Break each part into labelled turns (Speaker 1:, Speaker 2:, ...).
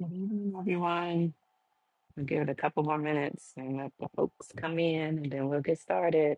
Speaker 1: Good evening, everyone. We'll give it a couple more minutes and let the folks come in and then we'll get started.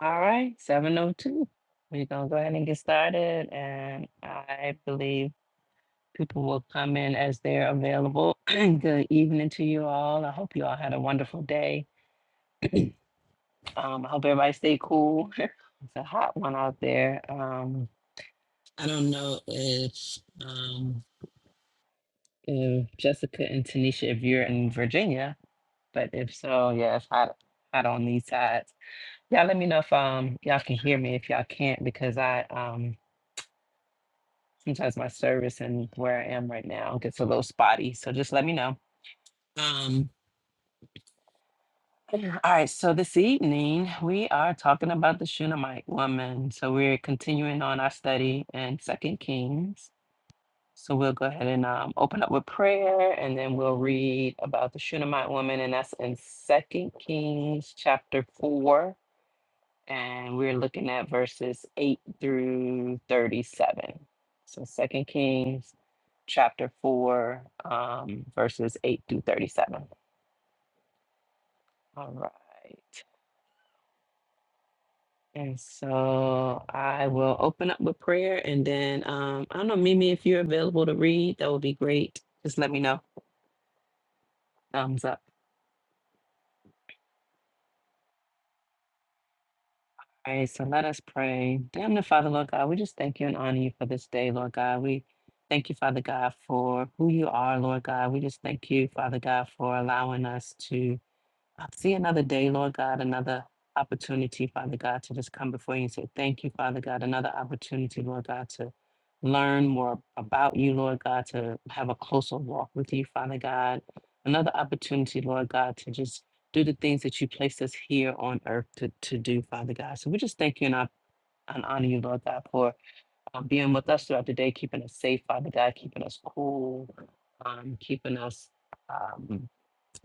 Speaker 1: All right, 7:02. We're gonna go ahead and get started and I believe people will come in as they're available. Good evening to you all. I hope you all had a wonderful day. Um, I hope everybody stay cool. It's a hot one out there. Um, I don't know if um, if Jessica and Tanisha, if you're in Virginia, But if so, yeah, if I I don't need sides. Y'all let me know if um y'all can hear me. If y'all can't, because I um sometimes my service and where I am right now gets a little spotty. So just let me know. Um all right, so this evening we are talking about the Shunammite woman. So we're continuing on our study in Second Kings. So we'll go ahead and um, open up with prayer, and then we'll read about the Shunammite woman, and that's in Second Kings chapter four, and we're looking at verses 8 through 37 so second kings chapter 4 um, verses 8 through 37 all right and so i will open up with prayer and then um, i don't know mimi if you're available to read that would be great just let me know thumbs up All right, so let us pray. Dear the Father, Lord God, we just thank you and honor you for this day, Lord God. We thank you, Father God, for who you are, Lord God. We just thank you, Father God, for allowing us to I see another day, Lord God, another opportunity, Father God, to just come before you and say, Thank you, Father God, another opportunity, Lord God, to learn more about you, Lord God, to have a closer walk with you, Father God, another opportunity, Lord God, to just do the things that you placed us here on earth to, to do, Father God. So we just thank you and, I, and honor you, Lord God, for um, being with us throughout the day, keeping us safe, Father God, keeping us cool, um, keeping us. Um,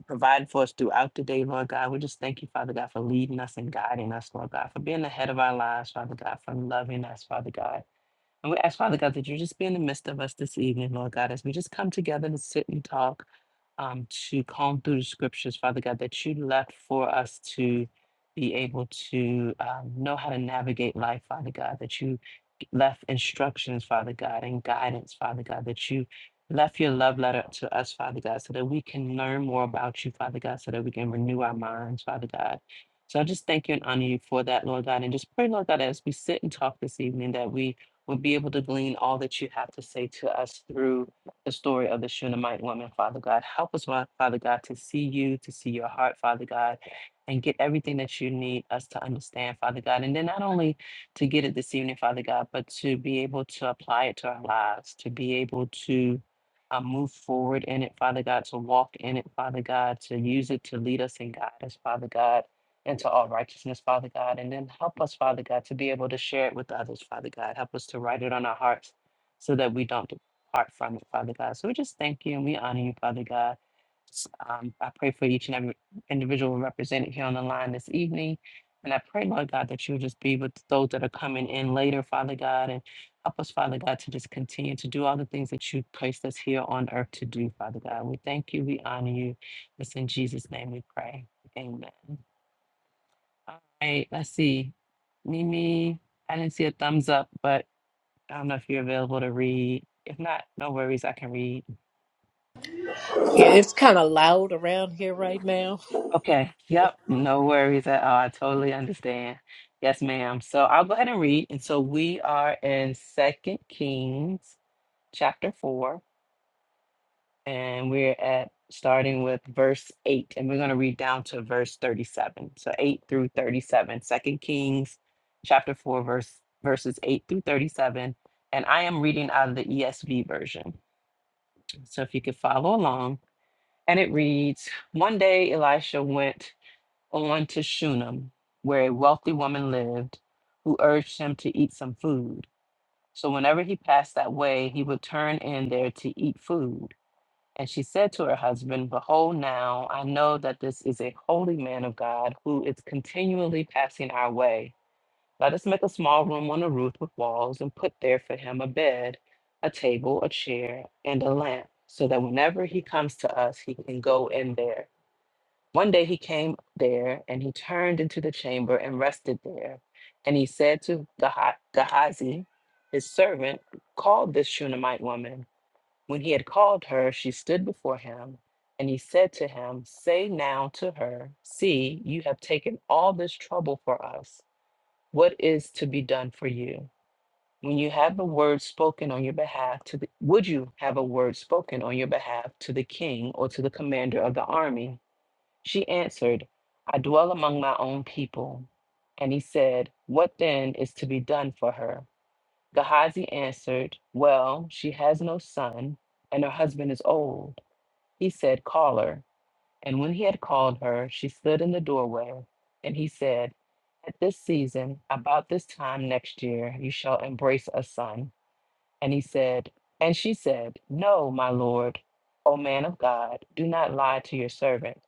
Speaker 1: provide for us throughout the day, Lord God. We just thank you, Father God, for leading us and guiding us, Lord God, for being ahead of our lives, Father God, for loving us, Father God. And we ask, Father God, that you just be in the midst of us this evening, Lord God, as we just come together to sit and talk, um, to comb through the scriptures, Father God, that you left for us to be able to um, know how to navigate life, Father God, that you left instructions, Father God, and guidance, Father God, that you left your love letter to us, Father God, so that we can learn more about you, Father God, so that we can renew our minds, Father God. So I just thank you and honor you for that, Lord God, and just pray, Lord God, as we sit and talk this evening, that we will be able to glean all that you have to say to us through the story of the Shunammite woman, Father God. Help us, my Father God, to see you, to see your heart, Father God, and get everything that you need us to understand, Father God. And then not only to get it this evening, Father God, but to be able to apply it to our lives, to be able to uh, move forward in it, Father God, to walk in it, Father God, to use it to lead us and guide us, Father God into all righteousness, Father God. And then help us, Father God, to be able to share it with others, Father God. Help us to write it on our hearts so that we don't depart from it, Father God. So we just thank you and we honor you, Father God. S- Um, I pray for each and every individual represented here on the line this evening. And I pray, Lord God, that you'll just be with those that are coming in later, Father God, and help us, Father God, to just continue to do all the things that you placed us here on earth to do, Father God. We thank you, we honor you. It's in Jesus' name we pray. Amen. I let's see. Mimi, I didn't see a thumbs up, but I don't know if you're available to read. If not, no worries, I can read.
Speaker 2: Yeah, it's kind of loud around here right now.
Speaker 1: Okay. Yep. No worries at all. I totally understand. Yes, ma'am. So I'll go ahead and read. And so we are in Second Kings chapter four. and we're at starting with verse 8 and we're going to read down to verse 37 so 8 through 37 second kings chapter 4 verse verses 8 through 37 and i am reading out of the esv version so if you could follow along and it reads one day elisha went on to shunem where a wealthy woman lived who urged him to eat some food so whenever he passed that way he would turn in there to eat food and she said to her husband, Behold, now I know that this is a holy man of God who is continually passing our way. Let us make a small room on the roof with walls and put there for him a bed, a table, a chair, and a lamp, so that whenever he comes to us, he can go in there. One day he came there and he turned into the chamber and rested there. And he said to Geha- Gehazi, his servant, Call this Shunammite woman. When he had called her, she stood before him, and he said to him, Say now to her, See, you have taken all this trouble for us. What is to be done for you? When you have a word spoken on your behalf to the, would you have a word spoken on your behalf to the king or to the commander of the army? She answered, I dwell among my own people. And he said, What then is to be done for her? Gehazi answered, Well, she has no son, and her husband is old. He said, Call her. And when he had called her, she stood in the doorway. And he said, At this season, about this time next year, you shall embrace a son. And he said, And she said, No, my lord, O man of God, do not lie to your servant.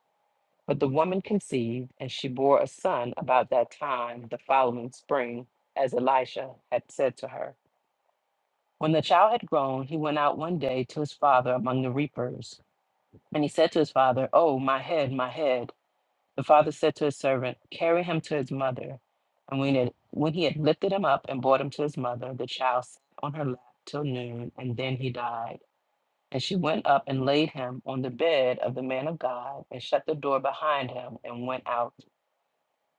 Speaker 1: But the woman conceived, and she bore a son about that time, the following spring, as Elisha had said to her. When the child had grown, he went out one day to his father among the reapers. And he said to his father, Oh, my head, my head. The father said to his servant, Carry him to his mother. And when, it, when he had lifted him up and brought him to his mother, the child sat on her lap till noon, and then he died. And she went up and laid him on the bed of the man of God, and shut the door behind him, and went out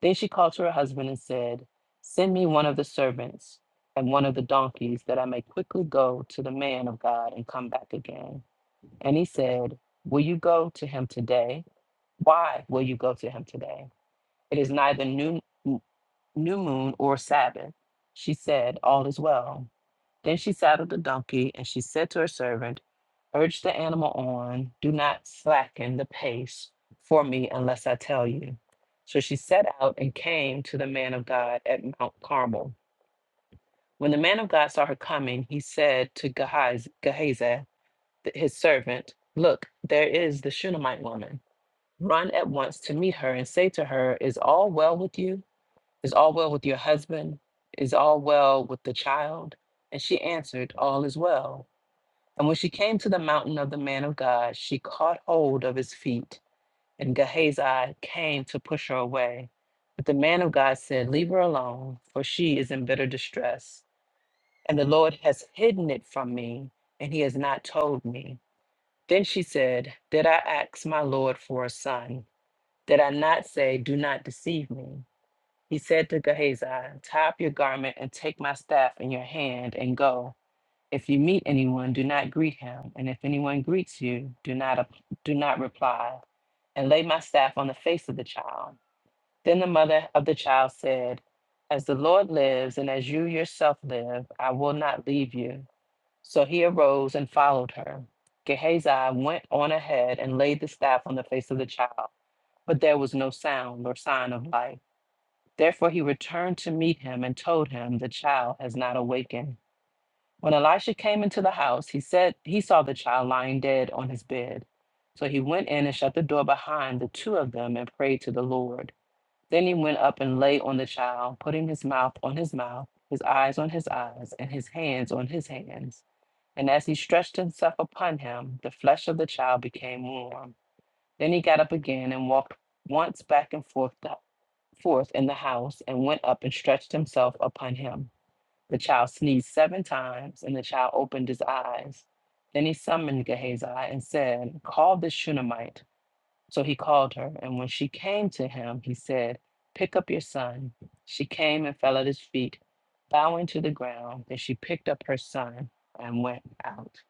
Speaker 1: then she called to her husband and said, Send me one of the servants and one of the donkeys, that I may quickly go to the man of God and come back again. And he said, Will you go to him today? Why will you go to him today? It is neither new, new moon or Sabbath. She said, All is well. Then she saddled the donkey, and she said to her servant, Urge the animal on, do not slacken the pace for me unless I tell you. So she set out and came to the man of God at Mount Carmel. When the man of God saw her coming, he said to Gehazi, Gehazi th- his servant, Look, there is the Shunammite woman. Run at once to meet her and say to her, Is all well with you? Is all well with your husband? Is all well with the child? And she answered, All is well. And when she came to the mountain of the man of God, she caught hold of his feet, and Gehazi came to push her away. But the man of God said, Leave her alone, for she is in bitter distress, and the Lord has hidden it from me, and he has not told me. Then she said, Did I ask my Lord for a son? Did I not say, 'Do not deceive me? He said to Gehazi, Tie up your garment and take my staff in your hand and go. If you meet anyone, do not greet him, and if anyone greets you, do not ap- do not reply, and lay my staff on the face of the child. Then the mother of the child said, As the Lord lives and as you yourself live, I will not leave you. So he arose and followed her. Gehazi went on ahead and laid the staff on the face of the child, but there was no sound or sign of life. Therefore he returned to meet him and told him, The child has not awakened. When Elisha came into the house, he said he saw the child lying dead on his bed. So he went in and shut the door behind the two of them and prayed to the Lord. Then he went up and lay on the child, putting his mouth on his mouth, his eyes on his eyes, and his hands on his hands. And as he stretched himself upon him, the flesh of the child became warm. Then he got up again and walked once back and forth, forth in the house, and went up and stretched himself upon him. The child sneezed seven times, and the child opened his eyes. Then he summoned Gehazi and said, Call this Shunammite. So he called her, and when she came to him, he said, Pick up your son. She came and fell at his feet, bowing to the ground. Then she picked up her son and went out.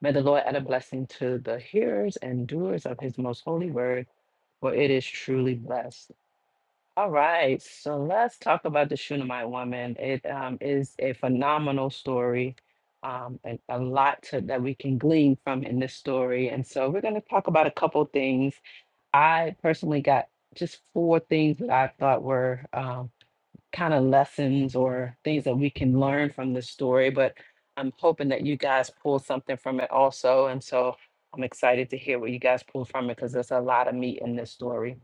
Speaker 1: May the Lord add a blessing to the hearers and doers of his most holy word, for it is truly blessed. All right, so let's talk about the Shunammite woman. It um, is a phenomenal story, um, and a lot to, that we can glean from in this story. And so we're going to talk about a couple things. I personally got just four things that I thought were um, kind of lessons or things that we can learn from this story, but I'm hoping that you guys pull something from it also. And so I'm excited to hear what you guys pull from it because there's a lot of meat in this story.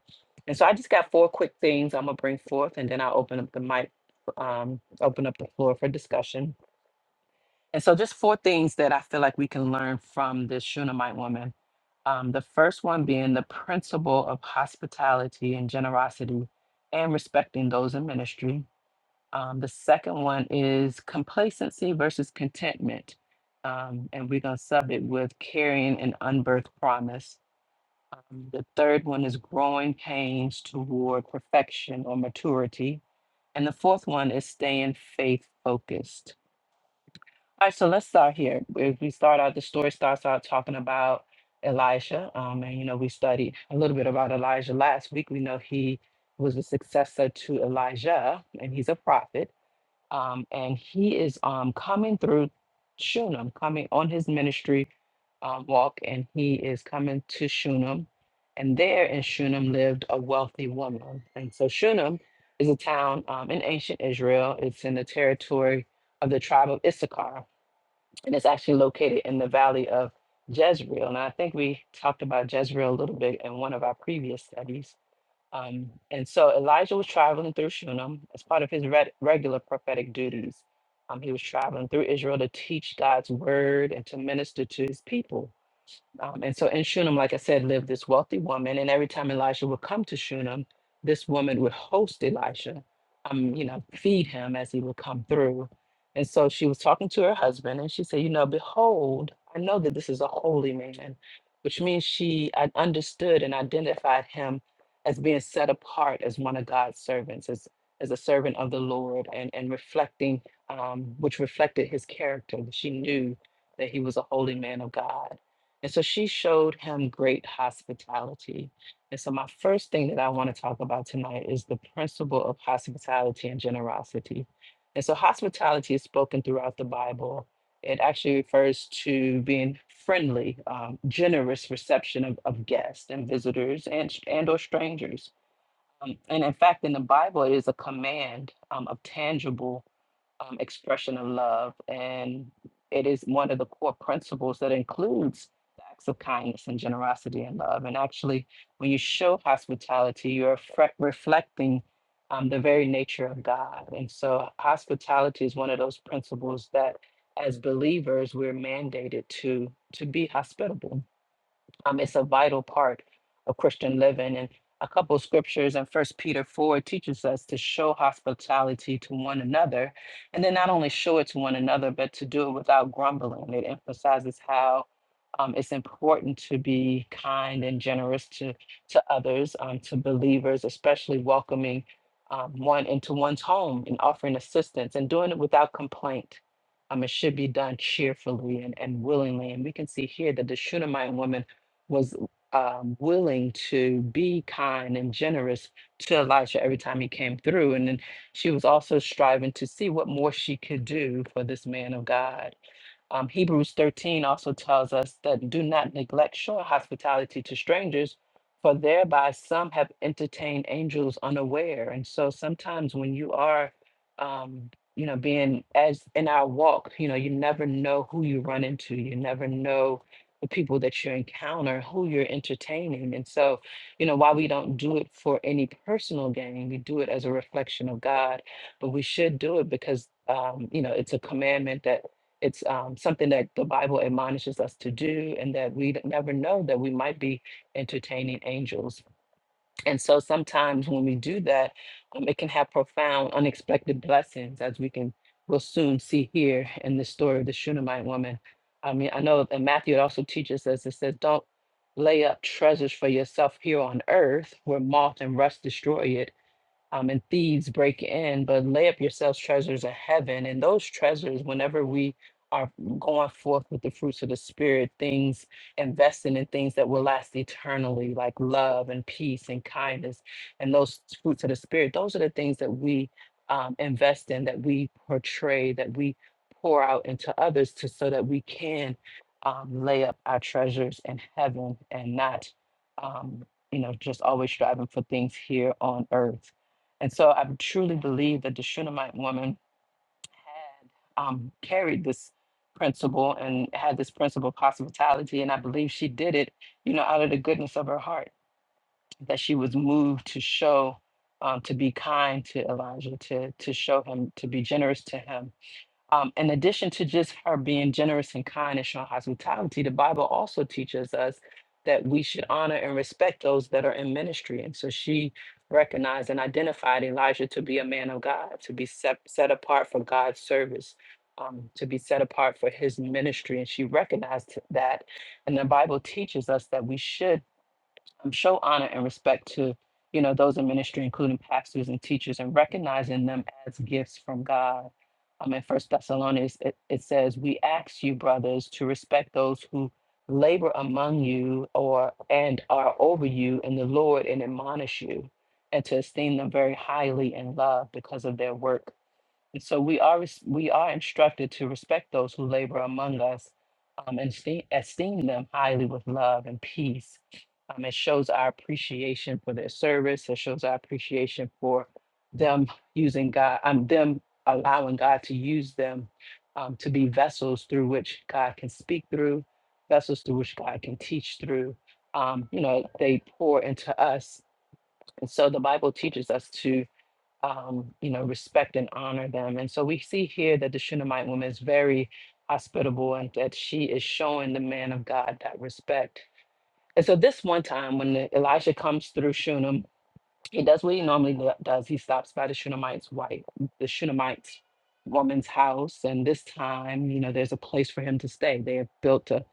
Speaker 1: And so I just got four quick things I'm gonna bring forth and then I'll open up the mic, um, open up the floor for discussion. And so just four things that I feel like we can learn from this Shunammite woman. Um, the first one being the principle of hospitality and generosity and respecting those in ministry. Um, the second one is complacency versus contentment. Um, and we're going to sub it with carrying an unbirthed promise. Um, the third one is growing pains toward perfection or maturity. And the fourth one is staying faith focused. All right, so let's start here. If we start out, the story starts out talking about Elisha. Um, and, you know, we studied a little bit about Elijah last week. We know he was a successor to Elijah, and he's a prophet um, and he is um, coming through Shunem, coming on his ministry uh, walk, and he is coming to Shunem. And there in Shunem lived a wealthy woman. And so Shunem is a town um, in ancient Israel. It's in the territory of the tribe of Issachar, and it's actually located in the valley of Jezreel. And I think we talked about Jezreel a little bit in one of our previous studies. Um, and so Elijah was traveling through Shunem as part of his reg- regular prophetic duties. Um, he was traveling through Israel to teach God's word and to minister to his people. Um, and so in Shunem, like I said, lived this wealthy woman. And every time Elisha would come to Shunem, this woman would host Elisha, um, you know, feed him as he would come through. And so she was talking to her husband and she said, You know, behold, I know that this is a holy man, which means she uh, understood and identified him as being set apart as one of God's servants, as, as a servant of the Lord, and, and reflecting, um, which reflected his character. She knew that he was a holy man of God. And so she showed him great hospitality. And so, my first thing that I want to talk about tonight is the principle of hospitality and generosity. And so, hospitality is spoken throughout the Bible. It actually refers to being friendly, um, generous reception of, of guests and visitors and, and or strangers. Um, and in fact, in the Bible, it is a command um, of tangible um, expression of love. And it is one of the core principles that includes the acts of kindness and generosity and love. And actually, when you show hospitality, you're fre- reflecting um, the very nature of God. And so, hospitality is one of those principles that as believers we're mandated to to be hospitable um, it's a vital part of Christian living. And a couple of scriptures in First Peter four teaches us to show hospitality to one another, and then not only show it to one another, but to do it without grumbling. It emphasizes how um, it's important to be kind and generous to to others, um, to believers, especially welcoming um, one into one's home and offering assistance and doing it without complaint. Um, it should be done cheerfully and, and willingly. And we can see here that the Shunammite woman was um, willing to be kind and generous to Elisha every time he came through. And then she was also striving to see what more she could do for this man of God. Um, Hebrews 13 also tells us that do not neglect showing hospitality to strangers, for thereby some have entertained angels unaware. And so sometimes when you are, um, you know, being as in our walk, you know, you never know who you run into. You never know the people that you encounter, who you're entertaining. And so, you know, while we don't do it for any personal gain, we do it as a reflection of God, but we should do it because, um, you know, it's a commandment that it's um, something that the Bible admonishes us to do, and that we d- never know that we might be entertaining angels and so sometimes when we do that, um, it can have profound, unexpected blessings, as we can will soon see here in the story of the Shunammite woman. I mean, I know in Matthew it also teaches us it says, "Don't lay up treasures for yourself here on earth, where moth and rust destroy it." um, and thieves break in, but lay up yourselves treasures in heaven. And those treasures, whenever we are going forth with the fruits of the spirit, things investing in things that will last eternally, like love and peace and kindness, and those fruits of the spirit, those are the things that we um, invest in, that we portray, that we pour out into others to so that we can um, lay up our treasures in heaven and not um, you know just always striving for things here on earth and so I truly believe that the Shunammite woman had um, carried this principle and had this principle of hospitality. And I believe she did it, you know, out of the goodness of her heart, that she was moved to show, um, to be kind to Elijah, to, to show him, to be generous to him um, in addition to just her being generous and kind and showing hospitality, the Bible also teaches us that we should honor and respect those that are in ministry. And so she recognized and identified Elijah to be a man of God, to be set, set apart for God's service, um, to be set apart for his ministry. And she recognized that. And the Bible teaches us that we should um, show honor and respect to you know those in ministry including pastors and teachers and recognizing them as gifts from god um, in first thessalonians it, it says we ask you brothers to respect those who labor among you or and are over you in the lord and admonish you and to esteem them very highly in love because of their work and so we are res- we are instructed to respect those who labor among us, um, and esteem, esteem them highly with love and peace. Um, it shows our appreciation for their service. It shows our appreciation for them using God. Um, them allowing God to use them um, to be vessels through which God can speak through, vessels through which God can teach through. Um, you know, they pour into us, and so the Bible teaches us to um, you know, respect and honor them. And so we see here that the Shunammite woman is very hospitable and that she is showing the man of God that respect. And so this one time when the, Elisha comes through Shunem he does what he normally do- does. He stops by the Shunammite's wife, the Shunammite woman's house, and this time, you know, there's a place for him to stay. They have built a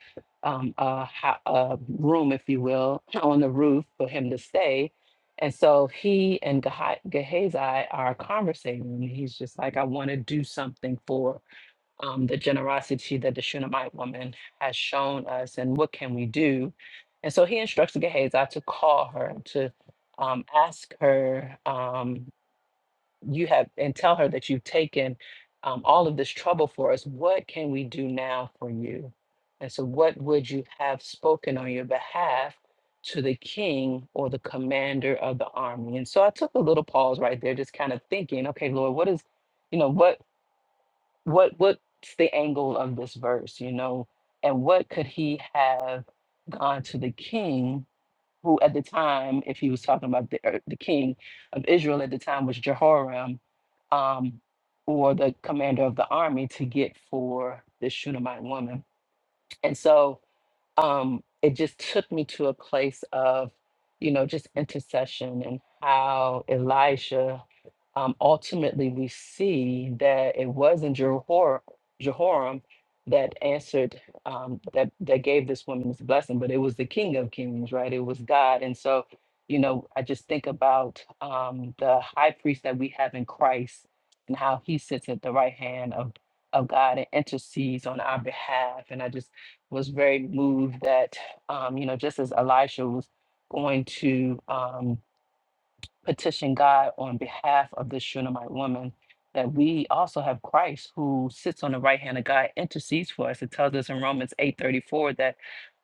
Speaker 1: um, a, ho- a room, if you will, on the roof for him to stay. And so he and Geha- Gehazi are conversating. and He's just like, I want to do something for um, the generosity that the Shunammite woman has shown us and what can we do. And so he instructs Gehazi to call her, to um, ask her, um, you have, and tell her that you've taken um, all of this trouble for us. What can we do now for you? And so, what would you have spoken on your behalf to the king or the commander of the army? And so, I took a little pause right there, just kind of thinking, okay, Lord, what is, you know, what what what's the angle of this verse you know and what could he have gone to the king who at the time if he was talking about the, uh, the king of israel at the time was jehoram um, or the commander of the army to get for this shunammite woman and so um, it just took me to a place of, you know, just intercession and how Elijah, um, ultimately we see that it wasn't Jehor- Jehoram that answered, um, that, that gave this woman this blessing, but it was the King of Kings, right? It was God. And so, you know, I just think about um, the high priest that we have in Christ and how he sits at the right hand of, of God and intercedes on our behalf. And I just was very moved that, um, you know, just as Elisha was going to um, petition God on behalf of this Shunammite woman, that we also have Christ who sits on the right hand of God, intercedes for us. It tells us in Romans eight thirty four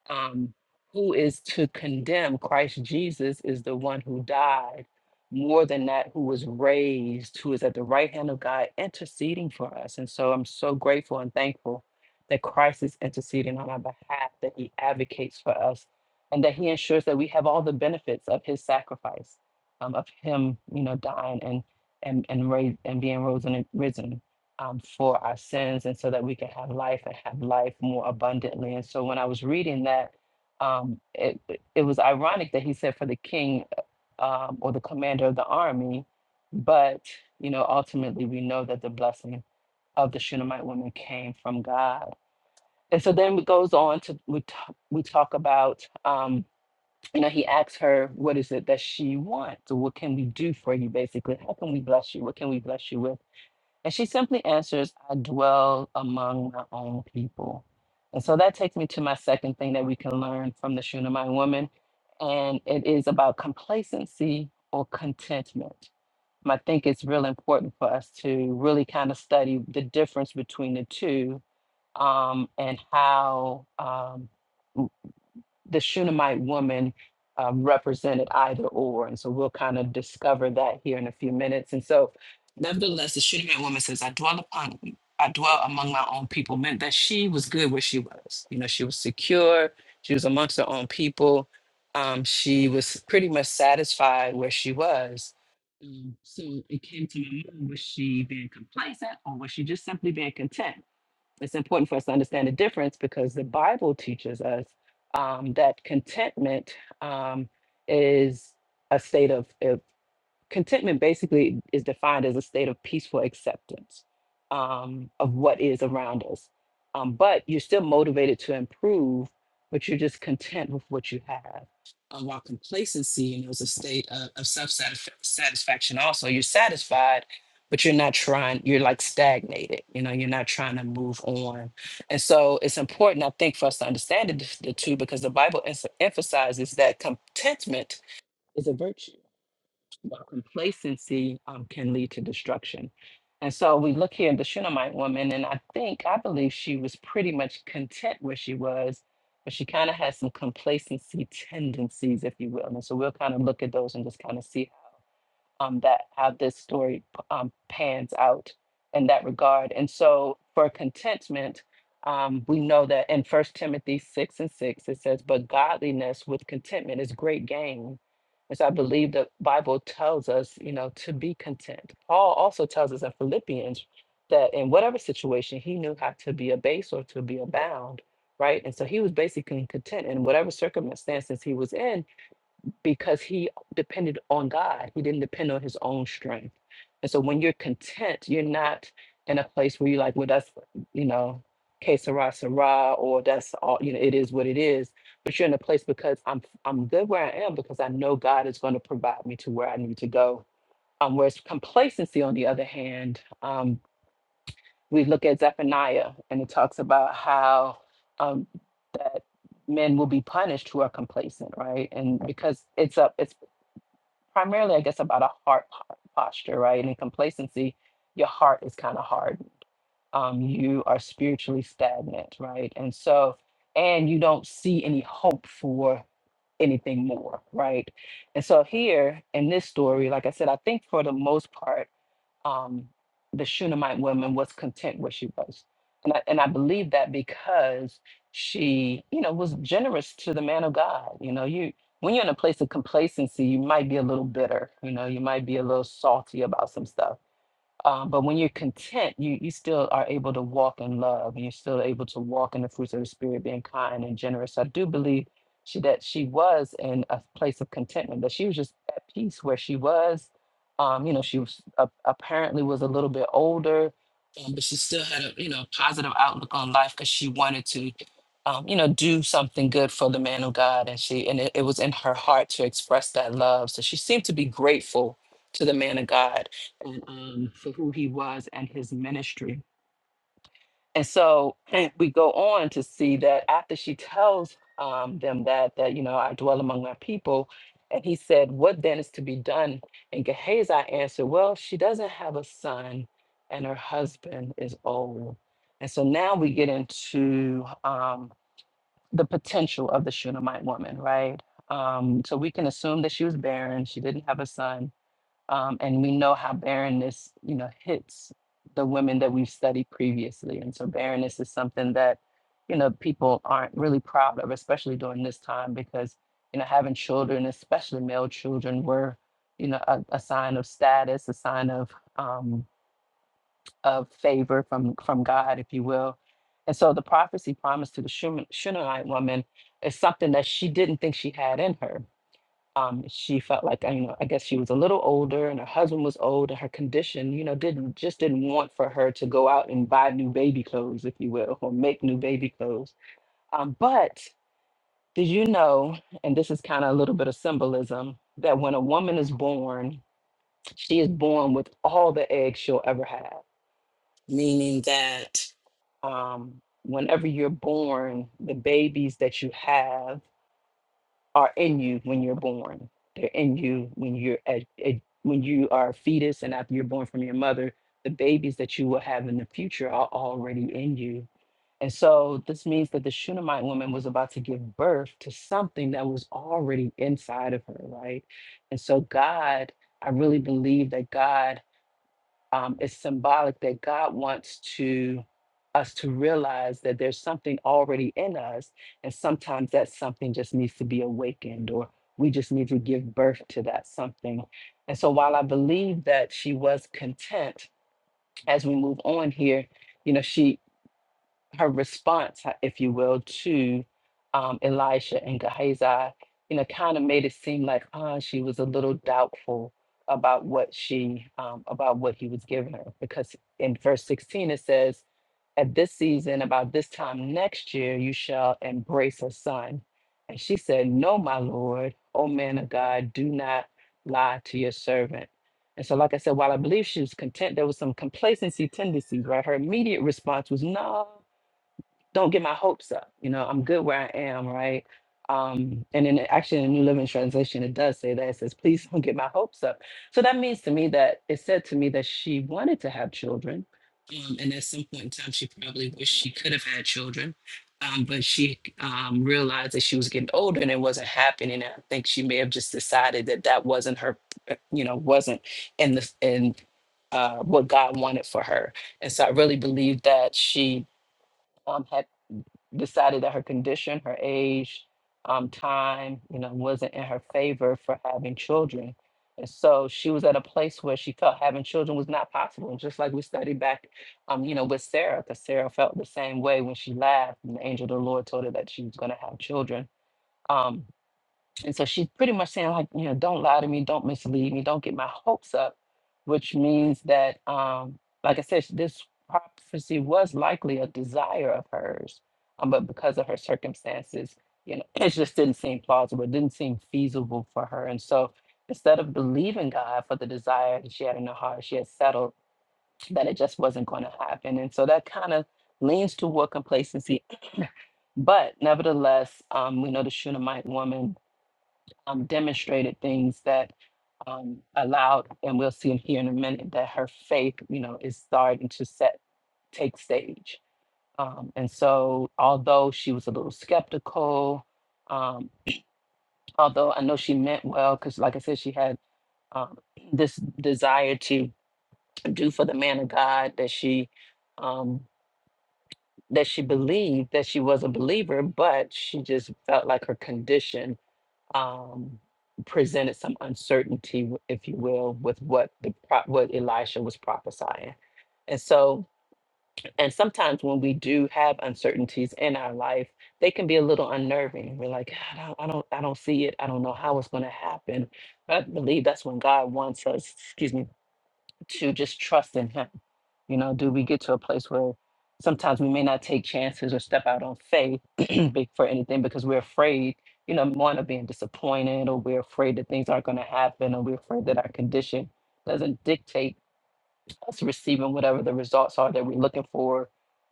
Speaker 1: um, who is to condemn Christ Jesus is the one who died, more than that, who was raised, who is at the right hand of God, interceding for us. And so I'm so grateful and thankful that Christ is interceding on our behalf, that he advocates for us, and that he ensures that we have all the benefits of his sacrifice, um, of him, you know, dying and and and raised and being risen, risen um, for our sins and so that we can have life and have life more abundantly. And so when I was reading that, um, it, it it was ironic that he said for the king um, or the commander of the army, but you know ultimately we know that the blessing of the Shunammite woman came from God. And so then it goes on to we talk, we talk about um, you know he asks her what is it that she wants what can we do for you basically how can we bless you what can we bless you with and she simply answers, I dwell among my own people. And so that takes me to my second thing that we can learn from the Shunammite woman. And it is about complacency or contentment. And I think it's real important for us to really kind of study the difference between the two um, and how um, the Shunammite woman uh, represented either or. And so we'll kind of discover that here in a few minutes. And so, nevertheless, the Shunammite woman says, I dwell upon, I dwell among my own people, meant that she was good where she was. You know, she was secure, she was amongst her own people. Um, she was pretty much satisfied where she was. Um, so it came to my mind was she being complacent or was she just simply being content? it's important for us to understand the difference because the Bible teaches us um, that contentment um, is a state of contentment basically is defined as a state of peaceful acceptance um, of what is around us. Um, but you're still motivated to improve, but you're just content with what you have. Um, while complacency, you know, is a state of, of self satisfaction. Also, you're satisfied, but you're not trying. You're like stagnated. You know, you're not trying to move on. And so, it's important, I think, for us to understand the, the two because the Bible ens- emphasizes that contentment is a virtue but complacency um, can lead to destruction. And so we look here at the Shunammite woman, and I think, I believe she was pretty much content where she was, but she kind of had some complacency tendencies, if you will. And so we'll kind of look at those and just kind of see um, that how this story um, pans out in that regard. And so for contentment, um, we know that in First Timothy 6 and 6, it says, But godliness with contentment is great gain. As I believe the Bible tells us, you know, to be content. Paul also tells us in Philippians that in whatever situation, he knew how to be abased or to be abound, right? And so he was basically content in whatever circumstances he was in because he depended on God. He didn't depend on his own strength. And so when you're content, you're not in a place where you're like, well, that's, you know, que sera, sera, or that's all, you know, it is what it is. But you're in a place because I'm I'm good where I am because I know God is going to provide me to where I need to go. Um, whereas complacency, on the other hand, um, we look at Zephaniah and it talks about how um, that men will be punished who are complacent, right? And because it's up, it's primarily, I guess, about a heart po- posture, right? And in complacency, your heart is kind of hardened. Um, you are spiritually stagnant, right? And so, and you don't see any hope for anything more, right? And so here in this story, like I said, I think for the most part, um, the Shunammite woman was content where she was. And I, and I believe that because she, you know, was generous to the man of God. You know, you when you're in a place of complacency, you might be a little bitter. You know, you might be a little salty about some stuff um, but when you're content, you you still are able to walk in love, and you're still able to walk in the fruits of the spirit, being kind and generous. I do believe she that she was in a place of contentment, that she was just at peace where she was. Um, you know, she was a apparently was a little bit older, um, but she still had a you know positive outlook on life because she wanted to, um, you know, do something good for the man of God, and she and it, it was in her heart to express that love. So she seemed to be grateful to the man of God and um, for who he was and his ministry. And so eh, we go on to see that after she tells um, them that that you know I dwell among my people, and he said, "What then is to be done?" And Gehazi answered, "Well, she doesn't have a son, and her husband is old." And so now we get into um, the potential of the Shunammite woman, right? Um, so we can assume that she was barren; she didn't have a son um, and we know how barrenness, you know, hits the women that we've studied previously. And so barrenness is something that, you know, people aren't really proud of, especially during this time, because, you know, having children, especially male children, were, you know, a, a sign of status, a sign of um, of favor from from God, if you will. And so the prophecy promised to the Shunam- Shunammite woman is something that she didn't think she had in her um, she felt like uh, you know i guess she was a little older and her husband was old and her condition you know didn't just didn't want for her to go out and buy new baby clothes if you will or make new baby clothes um, but did you know and this is kind of a little bit of symbolism that when a woman is born she is born with all the eggs she'll ever have meaning that um, whenever you're born the babies that you have are in you when you're born. They're in you when you're at, at- when you are a fetus and after you're born from your mother, the babies that you will have in the future are already in you. And so this means that the Shunammite woman was about to give birth to something that was already inside of her, right? And so God, I really believe that God um, it's symbolic that God wants to us to realize that there's something already in us, and sometimes that something just needs to be awakened, or we just need to give birth to that something. And so, while I believe that she was content, as we move on here, you know, she her response, uh, if you will, to um, Elisha and Gehazi, you know, kind of made it seem like uh, she was a little doubtful about what she um, about what he was giving her, because in verse sixteen it says, "At this season, about this time next year, you shall embrace a son." And she said, "No, my lord, O man of God, do not lie to your servant." And so, like I said, while I believe she was content, there was some complacency tendency, right? Her immediate response was, "No." don't get my hopes up. You know, I'm good where I am, right? Um, and then actually in the New Living Translation, it does say that it says, please don't get my hopes up. So that means to me that it said to me that she wanted to have children. Um, and at some point in time, she probably wished she could have had children. Um, but she um, realized that she was getting older and it wasn't happening. And I think she may have just decided that that wasn't her, uh, you know, wasn't in the in uh, what God wanted for her. And so I really believe that she um, had decided that her condition, her age, um, time, you know, wasn't in her favor for having children. And so she was at a place where she felt having children was not possible. And just like we studied back, um, you know, with Sarah, because Sarah felt the same way when she laughed and the angel of the Lord told her that she was going to have children. Um, and so she's pretty much saying, like, you know, don't lie to me, don't mislead me, don't get my hopes up, which means that, um, like I said, this prophecy was likely a desire of hers, um, but because of her circumstances, you know, it just didn't seem plausible, it didn't seem feasible for her. And so instead of believing God for the desire that she had in her heart, she had settled that it just wasn't going to happen. And so that kind of leans toward complacency. But nevertheless, um, we know the Shunammite woman um, demonstrated things that um, allowed, and we'll see in here in a minute, that her faith, you know, is starting to set take stage. Um, and so, although she was a little skeptical, um, although I know she meant well, because like I said, she had um, this desire to do for the man of God that she um, that she believed that she was a believer, but she just felt like her condition um, presented some uncertainty, w- if you will, with what the pro- what Elisha was prophesying. And so, and sometimes when we do have uncertainties in our life, they can be a little unnerving. We're like, I don't, I don't, I don't see it. I don't know how it's going to happen. But I believe that's when God wants us. Excuse me to just trust in him. You know, do we get to a place where sometimes we may not take chances or step out on faith be- for anything because we're afraid, you know, one of being disappointed or we're afraid that things aren't going to happen or we're afraid that our condition doesn't dictate us receiving whatever the results are that we're looking for?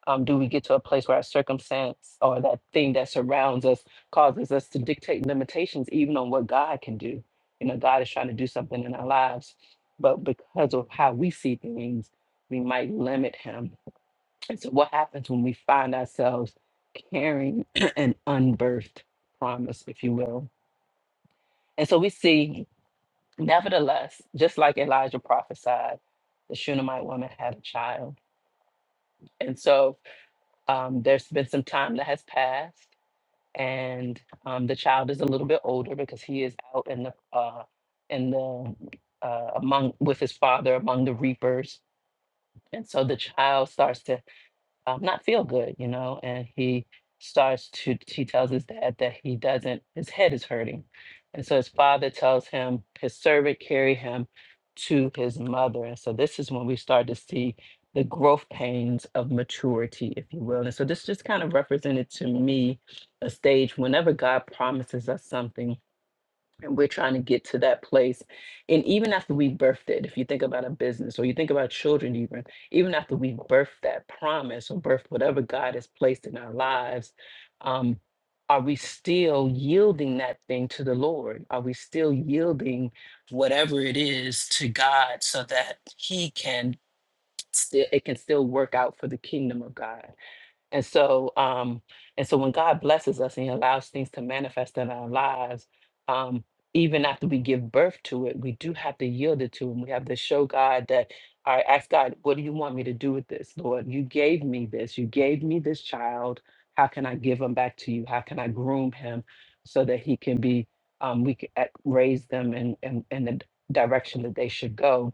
Speaker 1: Um, do we get to a place where our circumstance or that thing that surrounds us causes us to dictate limitations even on what God can do? You know, God is trying to do something in our lives, but because of how we see things, we might limit Him. And so, what happens when we find ourselves carrying an unbirthed promise, if you will? And so, we see, nevertheless, just like Elijah prophesied, the Shunammite woman had a child And so um, there's been some time that has passed, and um, the child is a little bit older because he is out in the uh, in the uh, among with his father among the reapers. And so the child starts to um, not feel good, you know, and he starts to, he tells his dad that he doesn't, his head is hurting. And so his father tells him, his servant carry him to his mother. And so this is when we start to see the growth pains of maturity, if you will. And so this just kind of represented to me a stage whenever God promises us something and we're trying to get to that place and even after we birthed it if you think about a business or you think about children even even after we birthed that promise or birthed whatever god has placed in our lives um are we still yielding that thing to the lord are we still yielding whatever it is to god so that he can still it can still work out for the kingdom of god and so, um, and so when God blesses us and He allows things to manifest in our lives, um, even after we give birth to it, we do have to yield it to Him. We have to show God that, all right, ask God, what do you want me to do with this, Lord? You gave me this. You gave me this child. How can I give him back to you? How can I groom him so that he can be, um, we can uh, raise them in, in, in the d- direction that they should go?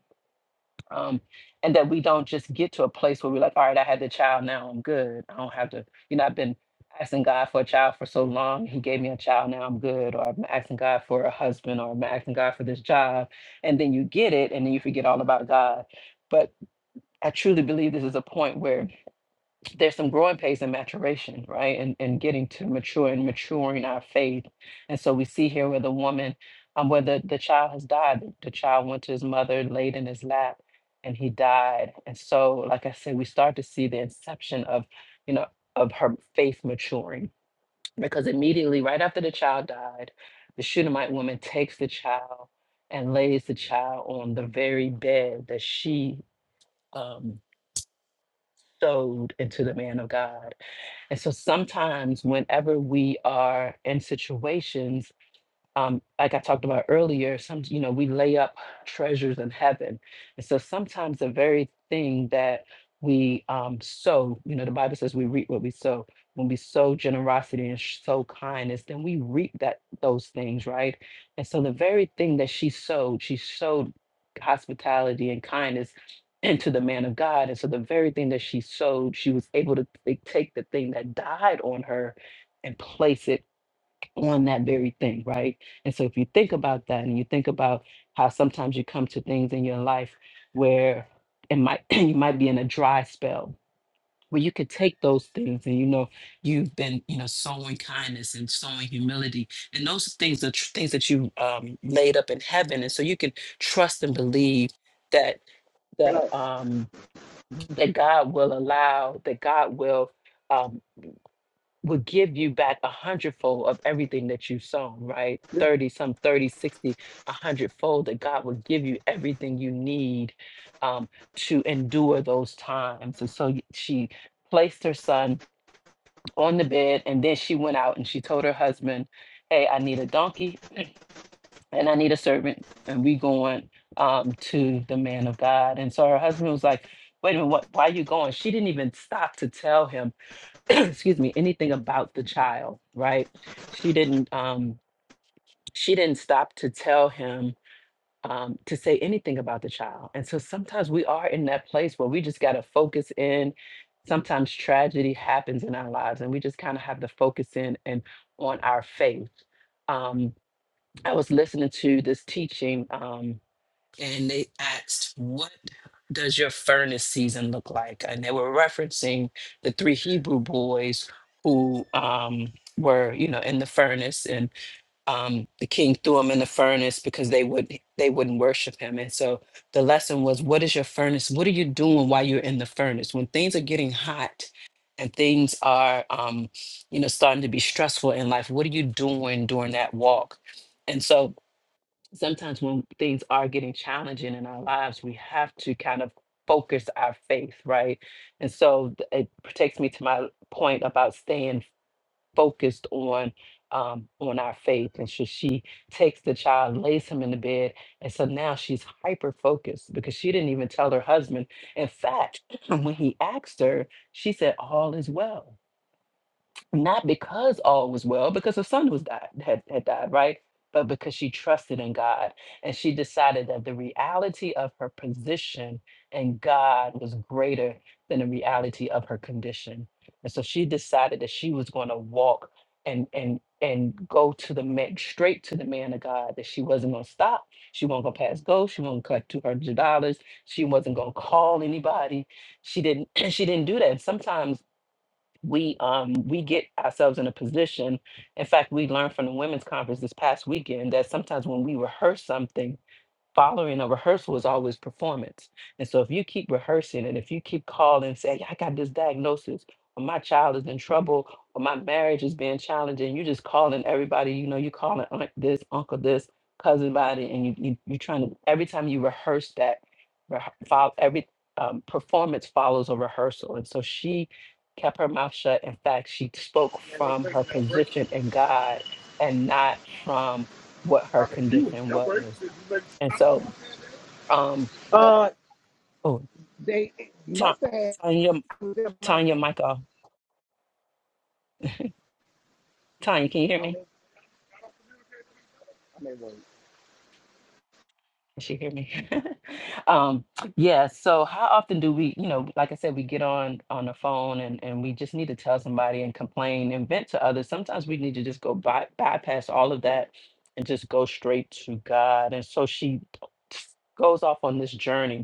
Speaker 1: um, and that we don't just get to a place where we're like, all right, I had the child, now I'm good. I don't have to, you know, I've been asking God for a child for so long. He gave me a child, now I'm good. Or I'm asking God for a husband, or I'm asking God for this job. And then you get it, and then you forget all about God. But I truly believe this is a point where there's some growing pains and maturation, right? And and getting to mature and maturing our faith. And so we see here where the woman, um, where the, the child has died, the the child went to his mother, laid in his lap, and he died. And so, like I said, we start to see the inception of, you know, of her faith maturing. Because immediately right after the child died, the Shunammite woman takes the child and lays the child on the very bed that she um sowed into the man of God. And so sometimes, whenever we are in situations um, like I talked about earlier, some you know we lay up treasures in heaven, and so sometimes the very thing that we um, sow, you know, the Bible says we reap what we sow. When we sow generosity and sh- sow kindness, then we reap that those things, right? And so the very thing that she sowed, she sowed hospitality and kindness into the man of God, and so the very thing that she sowed, she was able to t- take the thing that died on her and place it on that very thing, right? And so if you think about that and you think about how sometimes you come to things in your life where it might you might be in a dry spell where you could take those things and you know you've been you know sowing kindness and sowing humility and those things are tr- things that you um, laid up in heaven and so you can trust and believe that that um that God will allow that God will um, would give you back a hundredfold of everything that you've sown, right? 30, some 30, 60, a hundredfold that God will give you everything you need um, to endure those times. And so y- she placed her son on the bed and then she went out and she told her husband, Hey, I need a donkey and I need a servant. And we going um, to the man of God. And so her husband was like, wait a minute, what, why are you going? She didn't even stop to tell him excuse me anything about the child right she didn't um she didn't stop to tell him um to say anything about the child and so sometimes we are in that place where we just got to focus in sometimes tragedy happens in our lives and we just kind of have to focus in and on our faith um i was listening to this teaching um and they asked, What does your furnace season look like? And they were referencing the three Hebrew boys who um, were, you know, in the furnace, and um, the king threw them in the furnace because they would they wouldn't worship him. And so the lesson was, what is your furnace? What are you doing while you're in the furnace? When things are getting hot and things are, um, you know, starting to be stressful in life, what are you doing during that walk? And so sometimes when things are getting challenging in our lives, we have to kind of focus our faith, right? And so th- it takes me to my point about staying focused on um, on our faith. And so she takes the child, lays him in the bed, and so now she's hyper focused because she didn't even tell her husband. In fact, when he asked her, she said, "All is well." not because all was well, because her son was died had, had died, right? But because she trusted in God and she decided that the reality of her position and God was greater than the reality of her condition. And so she decided that she was going to walk and and and go to the man straight to the man of God, that she wasn't gonna stop, she wasn't gonna pass go, she wasn't gonna collect two hundred dollars, she wasn't gonna call anybody. She didn't she didn't do that. Sometimes we um we get ourselves in a position in fact we learned from the women's conference this past weekend that sometimes when we rehearse something following a rehearsal is always performance. And so if you keep rehearsing and if you keep calling and saying, I got this diagnosis, or my child is in trouble, or my marriage is being challenging, you just calling everybody, you know, you calling aunt this, uncle this, cousin body, and you, you you're trying to every time you rehearse that follow every um, performance follows a rehearsal. And so she kept her mouth shut. In fact, she spoke
Speaker 3: Yeah,
Speaker 1: from her position in God and not from what her condition was. And so um,
Speaker 3: Uh,
Speaker 1: Oh,
Speaker 3: they
Speaker 1: Ta-
Speaker 3: must have had
Speaker 1: Tanya, Tanya,
Speaker 3: myself.
Speaker 1: Micah, Tanya, can you hear
Speaker 3: I
Speaker 1: me?
Speaker 3: mean, I mean, well,
Speaker 1: Can she hear me? um, yeah. So how often do we, you know, like I said, we get on on the phone and and we just need to tell somebody and complain and vent to others. Sometimes we need to just go by, bypass all of that and just go straight to God. And so she goes off on this journey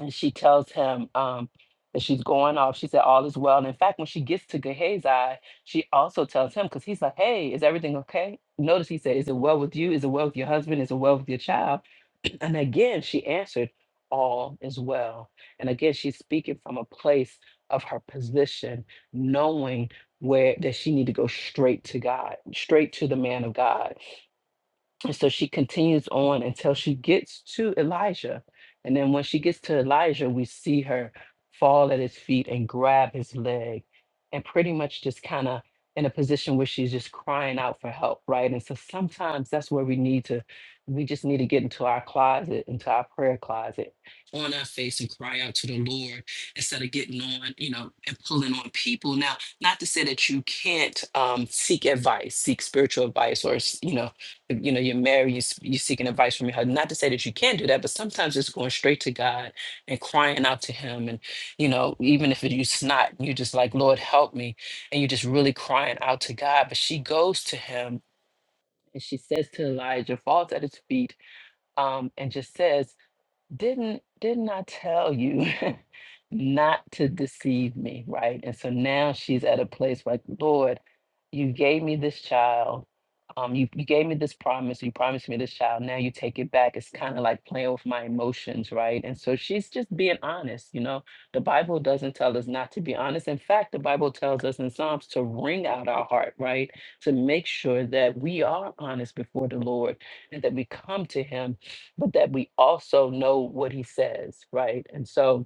Speaker 1: and she tells him um, that she's going off. She said all is well. And in fact, when she gets to Gehazi, she also tells him because he's like, "Hey, is everything okay?" Notice he said, "Is it well with you? Is it well with your husband? Is it well with your child?" And again, she answered, "All is well." And again, she's speaking from a place of her position, knowing where that she need to go straight to God, straight to the man of God and so she continues on until she gets to Elijah. And then when she gets to Elijah, we see her fall at his feet and grab his leg and pretty much just kind of in a position where she's just crying out for help, right? And so sometimes that's where we need to, we just need to get into our closet, into our prayer closet, on our face and cry out to the Lord instead of getting on, you know, and pulling on people. Now, not to say that you can't um, seek advice, seek spiritual advice or, s- you know, you know you're married you, s- you're seeking advice from your husband not to say that you can't do that but sometimes it's going straight to god and crying out to him and you know even if you snot you just like lord help me and you're just really crying out to god but she goes to him and she says to elijah falls at his feet um, and just says didn't didn't I tell you not to deceive me, right? And so now she's at a place like, Lord, you gave me this child. Um, you, you gave me this promise, you promised me this child, now you take it back. It's kind of like playing with my emotions, right? And so she's just being honest, you know. The Bible doesn't tell us not to be honest. In fact, the Bible tells us in Psalms to wring out our heart, right? To make sure that we are honest before the Lord and that we come to Him but that we also know what he says, right? And so,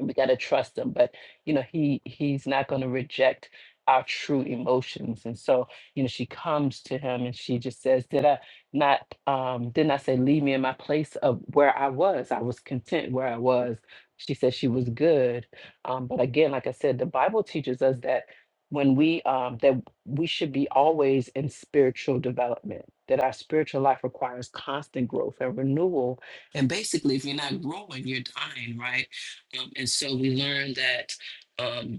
Speaker 1: we got to trust him but you know he he's not going to reject our true emotions and so you know she comes to him and she just says did i not um didn't i say leave me in my place of where i was i was content where i was she said she was good um but again like i said the bible teaches us that when we um that we should be always in spiritual development that our spiritual life requires constant growth and renewal and basically if you're not growing you're dying right um, and so we learned that. Um,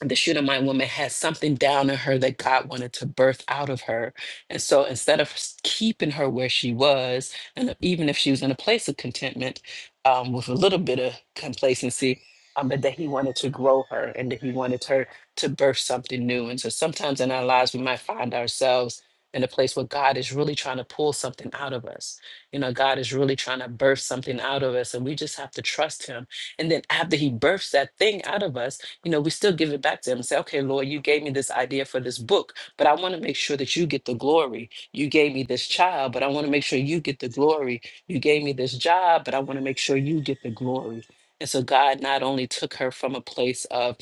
Speaker 1: the Shunammite woman had something down in her that God wanted to birth out of her. And so instead of s- keeping her where she was, and e, even if she was in a place of contentment um, with a little bit of complacency, um, but that he wanted to grow her and that he wanted her to birth something new. And so sometimes in our lives, we might find ourselves in a place where God is really trying to pull something out of us. You know, God is really trying to birth something out of us, and we just have to trust him. And then after he births that thing out of us, you know, we still give it back to him and say, okay, Lord, you gave me this idea for this book, but I want to make sure that you get the glory. You gave me this child, but I want to make sure you get the glory. You gave me this job, but I want to make sure you get the glory. And so God not only took her from a place of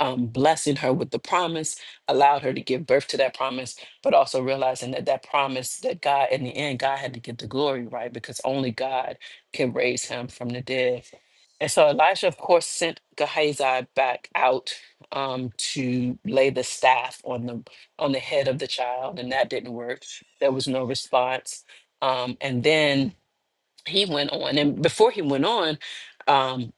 Speaker 1: um, blessing her with the promise, allowed her to give birth to that promise, but also realizing that that promise that God, in the end, God had to get the glory, right? Because only God can raise him from the dead. And so Elisha, of course, sent Gehazi back out um, to lay the staff on the on the head of the child, and that didn't work. There was no response. Um, and then he went on, and before he went on, um,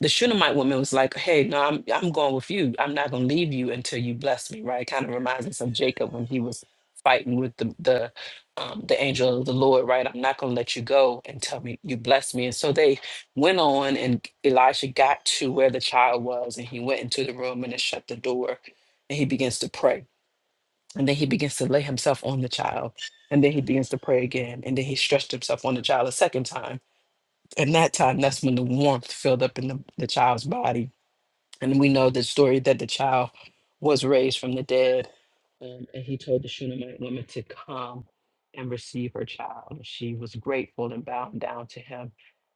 Speaker 1: the Shunammite woman was like, "Hey, no, I'm I'm going with you. I'm not going to leave you until you bless me." Right? Kind of reminds us of Jacob when he was fighting with the the um, the angel of the Lord. Right? I'm not going to let you go until me you bless me. And so they went on, and Elisha got to where the child was, and he went into the room and then shut the door, and he begins to pray, and then he begins to lay himself on the child. And then he begins to pray again. And then he stretched himself on the child a second time. And that time, that's when the warmth filled up in the, the child's body and we know the story that the child was raised from the dead. Um, and he told the Shunammite woman to come and receive her child. And She was grateful and bowed down to him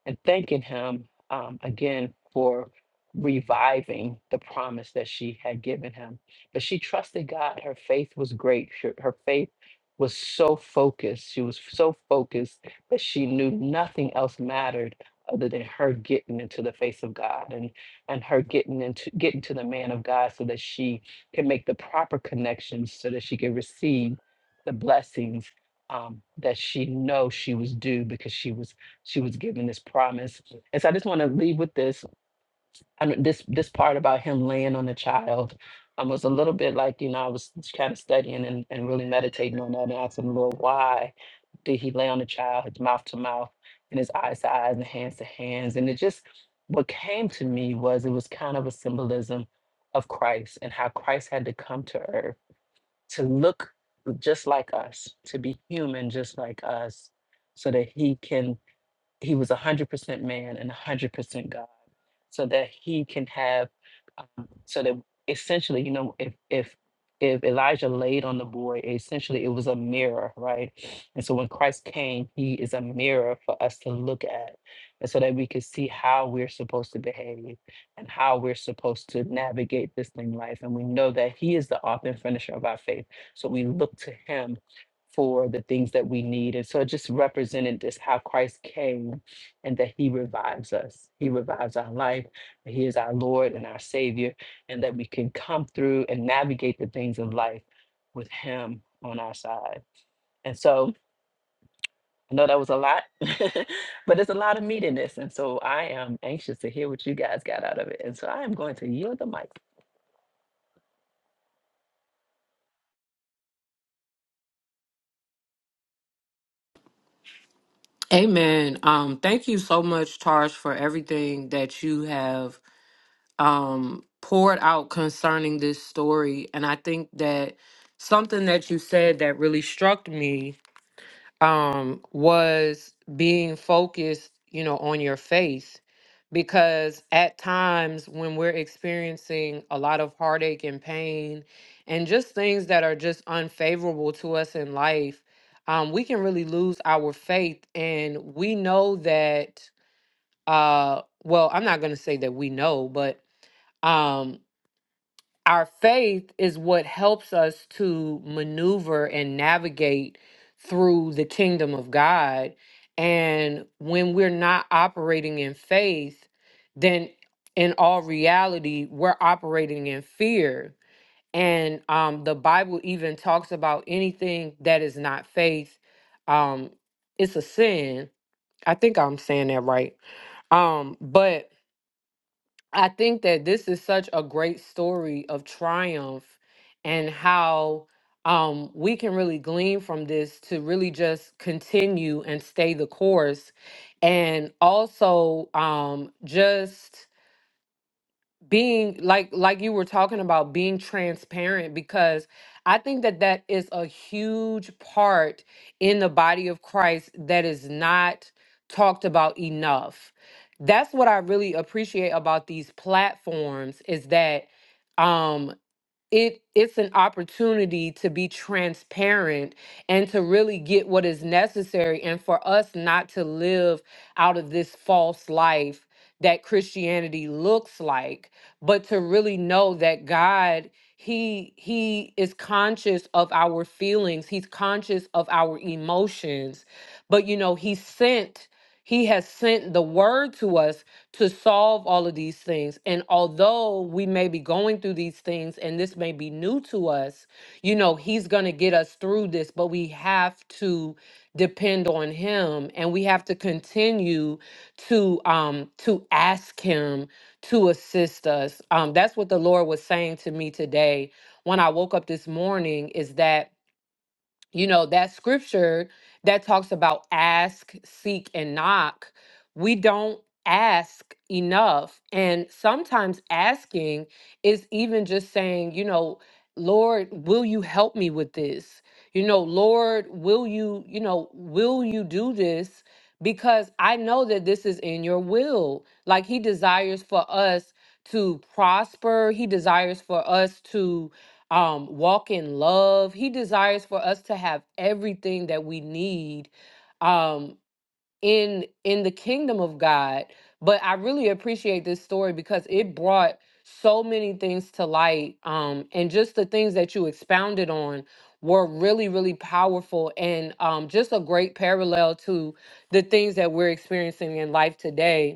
Speaker 1: and thanking him um, again for reviving the promise that she had given him. But she trusted God. Her faith was great. Her her faith was so focused. She was so focused that she knew nothing else mattered other than her getting into the face of God and her getting into getting to the man of God so that she can make the proper connections so that she can receive the blessings um, that she knows she was due because she was she was given this promise. And so I just want to leave with this I don't- this this part about him laying on the child um, was a little bit like you know I was kind of studying and, and really meditating on that and asking the Lord why did he lay on the child his mouth to mouth and his eyes to eyes and hands to hands and it just what came to me was it was kind of a symbolism of Christ and how Christ had to come to earth to look just like us to be human just like us so that he can he was 100% man and 100% God so that he can have um, so that essentially you know if if if Elijah laid on the boy essentially it was a mirror right and so when Christ came he is a mirror for us to look at and so that we can see how we're supposed to behave and how we're supposed to navigate this thing life and we know that he is the author and finisher of our faith so we look to him for the things that we need. And so it just represented this how Christ came and that he revives us. He revives our life. that He is our Lord and our Savior, and that we can come through and navigate the things of life with him on our side. And so I know that was a lot, but there's a lot of meat in this. And so I am anxious to hear what you guys got out of it. And so I am going to yield the mic.
Speaker 4: Amen. Um, thank you so much, Tarsh, for everything that you have um, poured out concerning this story. And I think that something that you said that really struck me um was being focused you know on your faith because at times when we're experiencing a lot of heartache and pain and just things that are just unfavorable to us in life um, we can really lose our faith and we know that uh well i'm not going to say that we know but um, our faith is what helps us to maneuver and navigate through the kingdom of God. And when we're not operating in faith, then in all reality, we're operating in fear. And um, the Bible even talks about anything that is not faith. Um, it's a sin. I think I'm saying that right. Um, but I think that this is such a great story of triumph and how um, we can really glean from this to really just continue and stay the course. And also, um, just being like like you were talking about being transparent because i think that that is a huge part in the body of christ that is not talked about enough that's what i really appreciate about these platforms is that um it it's an opportunity to be transparent and to really get what is necessary and for us not to live out of this false life that Christianity looks like but to really know that God he he is conscious of our feelings he's conscious of our emotions but you know he sent he has sent the word to us to solve all of these things. And although we may be going through these things and this may be new to us, you know, He's going to get us through this, but we have to depend on him and we have to continue to um to ask him to assist us um that's what the lord was saying to me today when i woke up this morning is that you know that scripture that talks about ask seek and knock we don't ask enough and sometimes asking is even just saying you know lord will you help me with this you know lord will you you know will you do this because i know that this is in your will like he desires for us to prosper he desires for us to um walk in love he desires for us to have everything that we need um in in the kingdom of god but i really appreciate this story because it brought so many things to light um and just the things that you expounded on were really really powerful and um just a great parallel to the things that we're experiencing in life today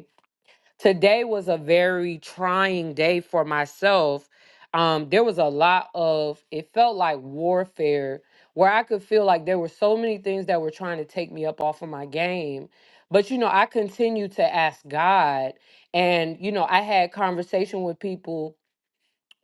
Speaker 4: Today was a very trying day for myself. Um, there was a lot of, it felt like warfare where I could feel like there were so many things that were trying to take me up off of my game. But, you know, I continued to ask God. And, you know, I had conversation with people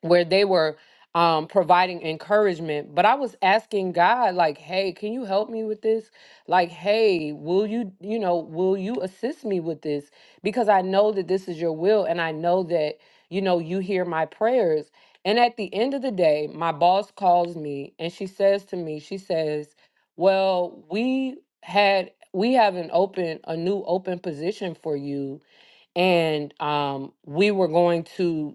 Speaker 4: where they were um providing encouragement but i was asking god like hey can you help me with this like hey will you you know will you assist me with this because i know that this is your will and i know that you know you hear my prayers and at the end of the day my boss calls me and she says to me she says well we had we have an open a new open position for you and um, we were going to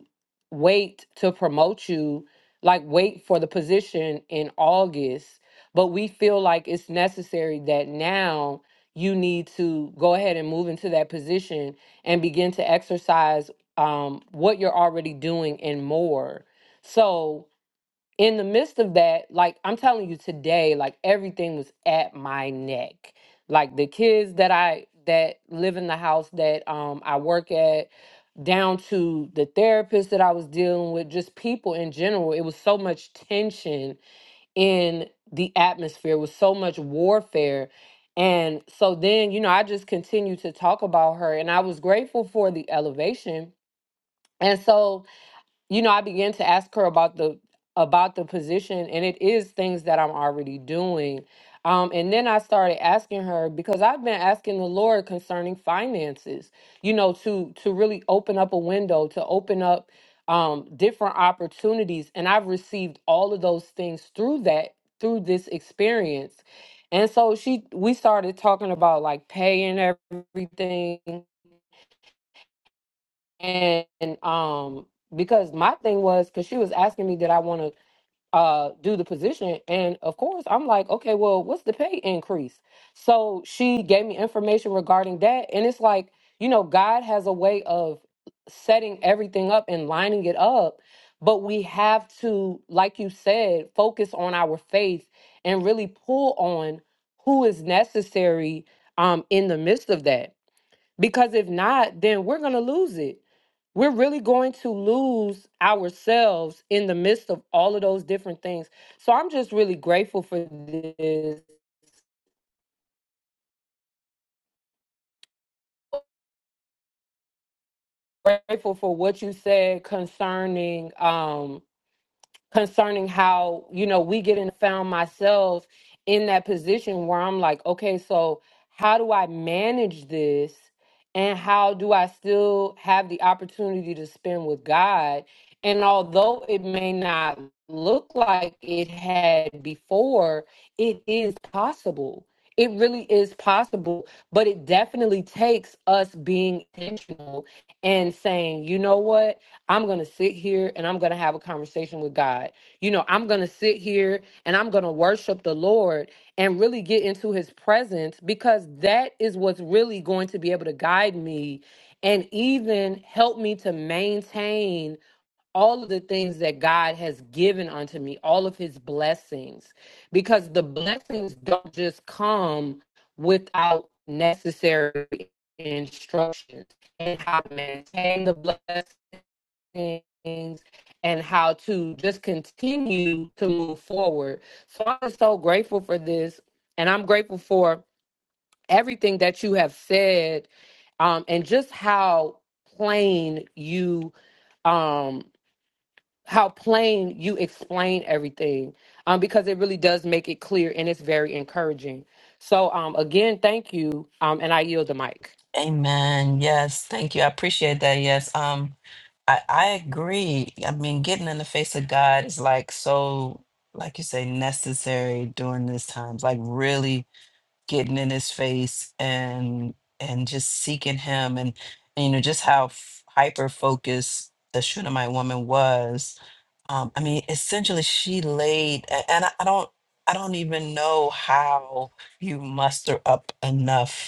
Speaker 4: wait to promote you, like wait for the position in August. But we feel like it's necessary that now you need to go ahead and move into that position and begin to exercise um, what you're already doing and more. So in the midst of that, like I'm telling you today, like everything was at my neck. Like the kids that I that live in the house that um I work at, down to the therapist that I was dealing with, just people in general, it was so much tension in the atmosphere, it was so much warfare. And so then, you know, I just continued to talk about her and I was grateful for the elevation. And so you know, I began to ask her about the about the position, and it is things that I'm already doing. Um, and then I started asking her because I've been asking the Lord concerning finances, you know, to to really open up a window, to open up um, different opportunities, and I've received all of those things through that through this experience. And so she, we started talking about like pay and everything, and um because my thing was because she was asking me did i want to uh do the position and of course i'm like okay well what's the pay increase so she gave me information regarding that and it's like you know god has a way of setting everything up and lining it up but we have to like you said focus on our faith and really pull on who is necessary um in the midst of that because if not then we're going to lose it we're really going to lose ourselves in the midst of all of those different things. So I'm just really grateful for this, grateful for what you said concerning um concerning how you know we get and found myself in that position where I'm like, okay, so how do I manage this, and how do I still have the opportunity to spend with God? And although it may not look like it had before, it is possible. It really is possible, but it definitely takes us being intentional and saying, you know what? I'm going to sit here and I'm going to have a conversation with God. You know, I'm going to sit here and I'm going to worship the Lord and really get into his presence because that is what's really going to be able to guide me and even help me to maintain all of the things that God has given unto me, all of his blessings, because the blessings don't just come without necessary instructions and how to maintain the blessings things and how to just continue to move forward. So I'm so grateful for this. And I'm grateful for everything that you have said um, and just how plain you um how plain you explain everything um because it really does make it clear and it's very encouraging so um again thank you um and i yield the mic
Speaker 1: Amen. Yes. Thank you. I appreciate that. Yes. Um. I, I agree. I mean, getting in the face of God is like so, like you say, necessary during this times. Like really getting in His face and and just seeking Him, and, and you know just how f- hyper focused the Shunammite woman was. Um, I mean, essentially, she laid, a- and I, I don't, I don't even know how you muster up enough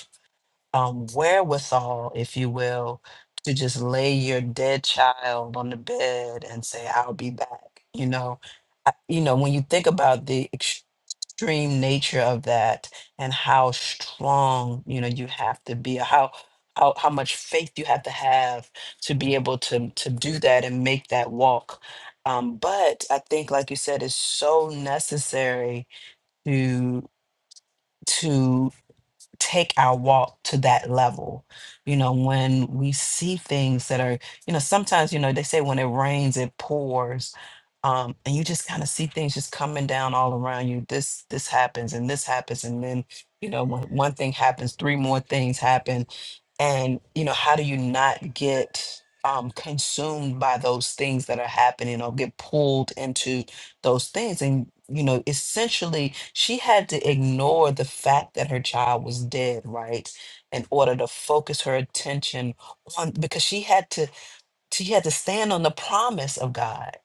Speaker 1: um, wherewithal, if you will, to just lay your dead child on the bed and say, "I'll be back." You know, I, you know when you think about the extreme nature of that and how strong you know you have to be, how how how much faith you have to have to be able to to do that and make that walk. Um, but I think, like you said, it's so necessary to to take our walk to that level. You know, when we see things that are, you know, sometimes, you know, they say when it rains, it pours. Um, and you just kind of see things just coming down all around you. This this happens and this happens, and then you know when one thing happens, three more things happen and you know how do you not get um consumed by those things that are happening or get pulled into those things and you know essentially she had to ignore the fact that her child was dead right in order to focus her attention on because she had to she had to stand on the promise of God,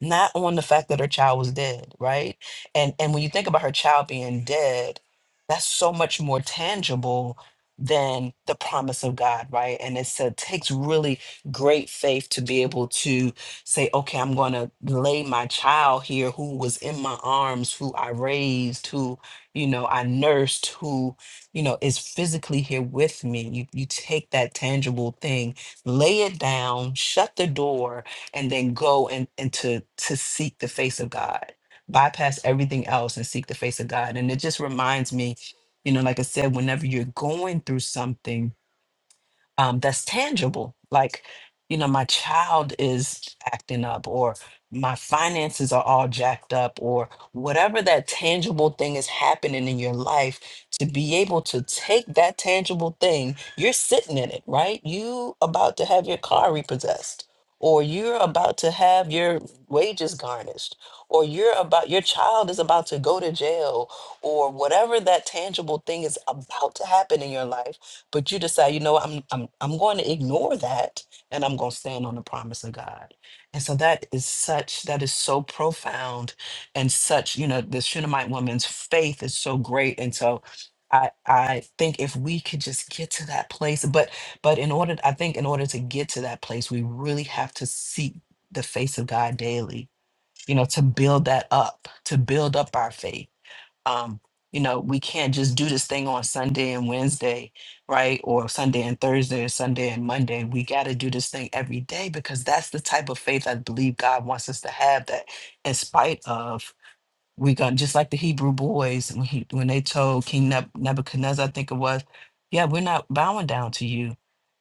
Speaker 1: not on the fact that her child was dead, right? And and when you think about her child being dead, that's so much more tangible than the promise of God, right? And it's, it takes really great faith to be able to say, okay, I'm going to lay my child here who was in my arms, who I raised, who, you know, I nursed, who, you know, is physically here with me. You, you take that tangible thing lay it down, shut the door, and then go and, and to to seek the face of God. Bypass everything else and seek the face of God. And it just reminds me, you know, like I said, whenever you're going through something, um, that's tangible. Like, you know, my child is acting up, or my finances are all jacked up, or whatever that tangible thing is happening in your life, to be able to take that tangible thing, you're sitting in it, right? You about to have your car repossessed, or you're about to have your wages garnished, or you're about your child is about to go to jail, or whatever that tangible thing is about to happen in your life but you decide you know what, i'm i'm i'm going to ignore that and i'm going to stand on the promise of god and so that is such that is so profound and such you know the shunammite woman's faith is so great and so I, I think if we could just get to that place but but in order i think in order to get to that place we really have to seek the face of god daily you know to build that up to build up our faith um, you know, we can't just do this thing on Sunday and Wednesday, right? Or Sunday and Thursday, or Sunday and Monday. We got to do this thing every day because that's the type of faith I believe God wants us to have. That, in spite of we got just like the Hebrew boys when he when they told King Neb- Nebuchadnezzar, I think it was, yeah, we're not bowing down to you,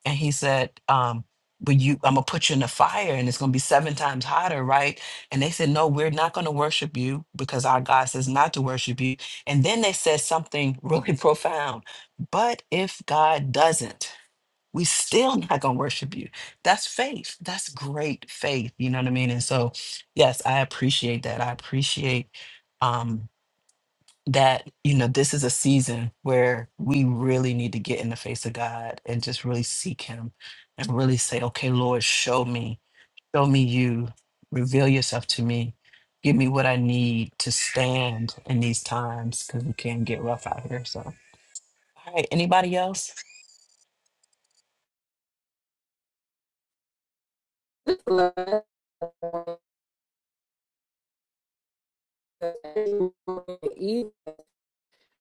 Speaker 1: and he said, um, but you, I'm gonna put you in the fire, and it's gonna be seven times hotter, right? And they said, no, we're not gonna worship you because our God says not to worship you. And then they said something really profound, but if God doesn't we still not gonna worship you. That's faith. That's great faith. You know what I mean? And so, yes, I appreciate that. I appreciate um that, you know, this is a season where we really need to get in the face of God and just really seek him and really say, okay, Lord, show me, show me you, reveal yourself to me. Give me what I need to stand in these times because we can get rough out here. So all right, anybody else?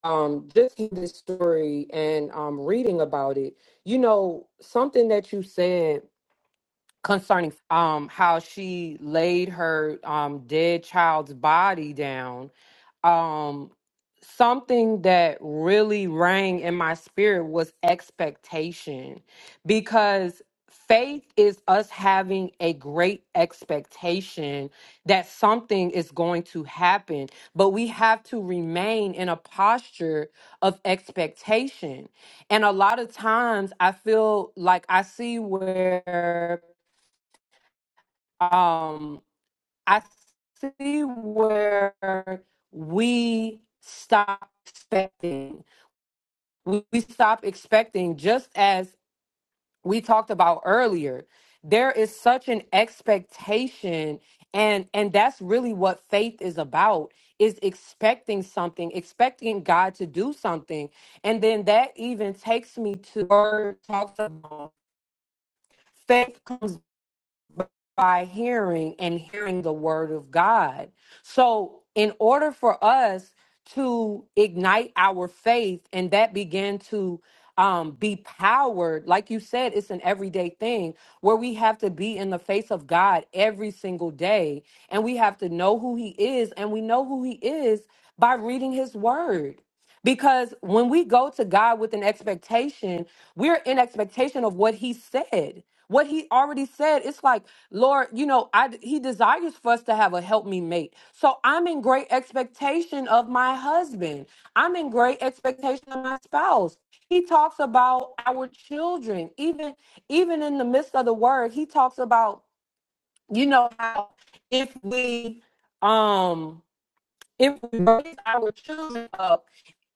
Speaker 4: um just in this story and um reading about it you know something that you said concerning um how she laid her um dead child's body down um something that really rang in my spirit was expectation because faith is us having a great expectation that something is going to happen but we have to remain in a posture of expectation and a lot of times i feel like i see where um. I see where we stop expecting. We stop expecting, just as we talked about earlier. There is such an expectation, and and that's really what faith is about: is expecting something, expecting God to do something, and then that even takes me to word talks about faith. comes. by hearing and hearing the word of God. So, in order for us to ignite our faith and that begin to um, be powered, like you said, it's an everyday thing where we have to be in the face of God every single day and we have to know who He is. And we know who He is by reading His word. Because when we go to God with an expectation, we're in expectation of what He said what he already said it's like lord you know i he desires for us to have a help me mate so i'm in great expectation of my husband i'm in great expectation of my spouse he talks about our children even even in the midst of the word he talks about you know how if we um if we raise our children up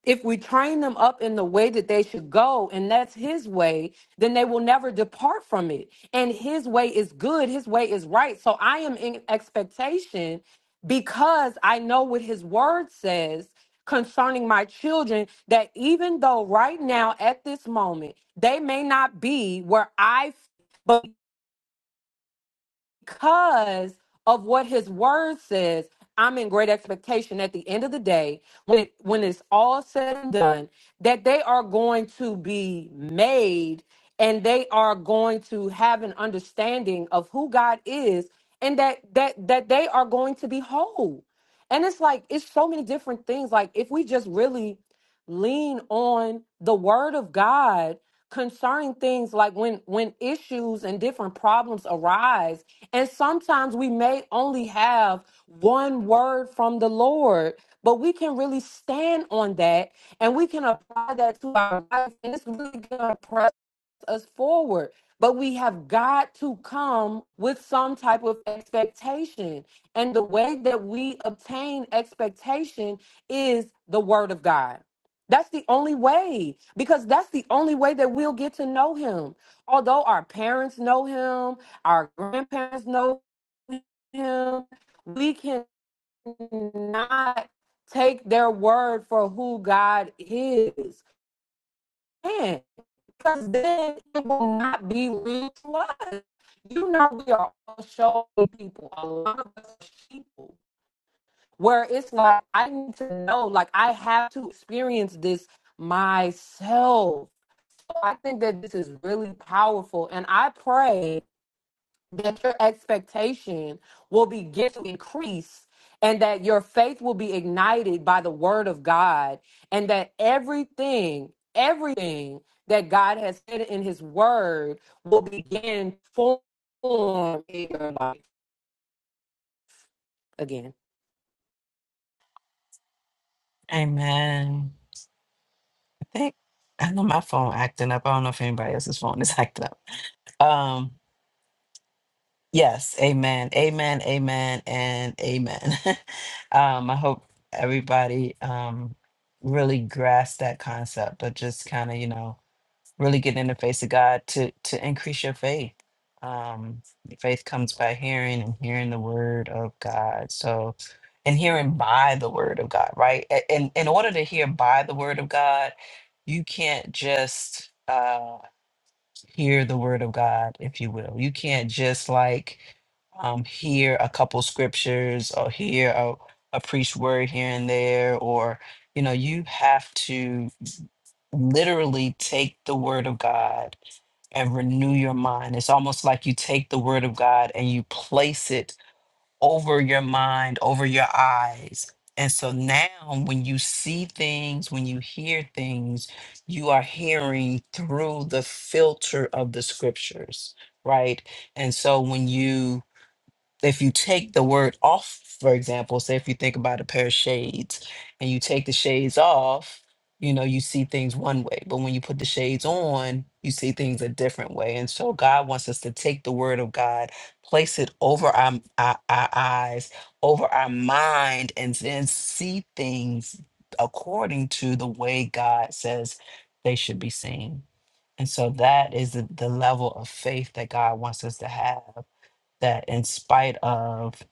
Speaker 4: if we train them up in the way that they should go and that's his way then they will never depart from it and his way is good his way is right so i am in expectation because i know what his word says concerning my children that even though right now at this moment they may not be where i but because of what his word says i'm in great expectation at the end of the day when it, when it's all said and done that they are going to be made and they are going to have an understanding of who god is and that that that they are going to be whole and it's like it's so many different things like if we just really lean on the word of God concerning things like when when issues and different problems arise and sometimes we may only have one word from the Lord but we can really stand on that and we can apply that to our life and it's really going to us forward. But we have got to come with some type of expectation. And the way that we obtain expectation is the word of God. That's the only way, because that's the only way that we'll get to know him. Although our parents know him, our grandparents know him, we cannot take their word for who God is because then it will not be real to us. You know, we are all showing people, a lot of us are people, where it's like, I need to know, like, I have to experience this myself. So I think that this is really powerful. And I pray that your expectation will begin to increase and that your faith will be ignited by the word of God and that everything, everything that God has said in his word will begin to form in your life again.
Speaker 1: Amen. think I know my phone acting up. I don't know if anybody else's phone is acting up. Um, yes, amen, amen, amen, and amen. um, I hope everybody um really grasped that concept, but just kind of, you know really getting in the face of God to to increase your faith. Um, faith comes by hearing and hearing the word of God. So, and hearing by the word of God, right? A- And in order to hear by the word of God, you can't just uh, hear the word of God, if you will. You can't just like um, hear a couple scriptures or hear a, a preached word here and there, or you know, you have to literally take the word of God and renew your mind. It's almost like you take the word of God and you place it over your mind, over your eyes. And so now, when you see things, when you hear things, you are hearing through the filter of the scriptures, right? And so when you if you take the word off, for example, say if you think about a pair of shades and you take the shades off, you know, you see things one way. But when you put the shades on, you see things a different way. And so God wants us to take the word of God, place it over our, our, our eyes, over our mind, and then see things according to the way God says they should be seen. And so that is the, the level of faith that God wants us to have that in spite of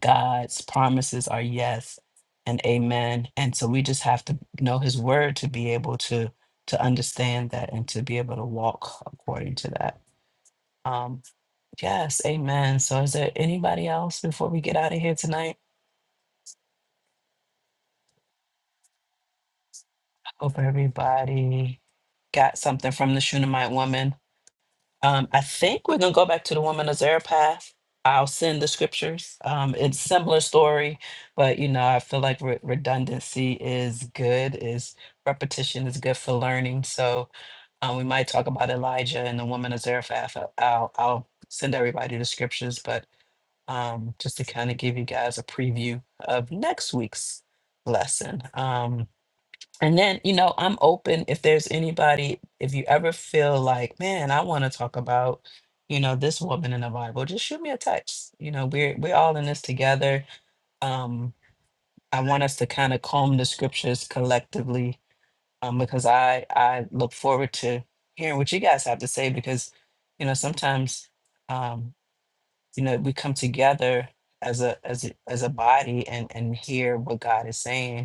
Speaker 1: God's promises are yes and amen. And so we just have to know his word to be able to to understand that and to be able to walk according to that. Um yes, amen. So is there anybody else before we get out of here tonight? I hope everybody got something from the Shunammite woman. Um, I think we're gonna go back to the woman of Zarephath. I'll send the scriptures. Um, it's similar story, but you know, I feel like re- redundancy is good. Is repetition is good for learning. So um, we might talk about Elijah and the woman of Zarephath. I- I'll I'll send everybody the scriptures, but um, just to kind of give you guys a preview of next week's lesson. Um, and then, you know, I'm open if there's anybody, if you ever feel like, man, I want to talk about, you know, this woman in the Bible, just shoot me a text. You know, we're we're all in this together. Um, I want us to kind of comb the scriptures collectively, um, because I I look forward to hearing what you guys have to say because, you know, sometimes um, you know, we come together as a as a as a body and and hear what God is saying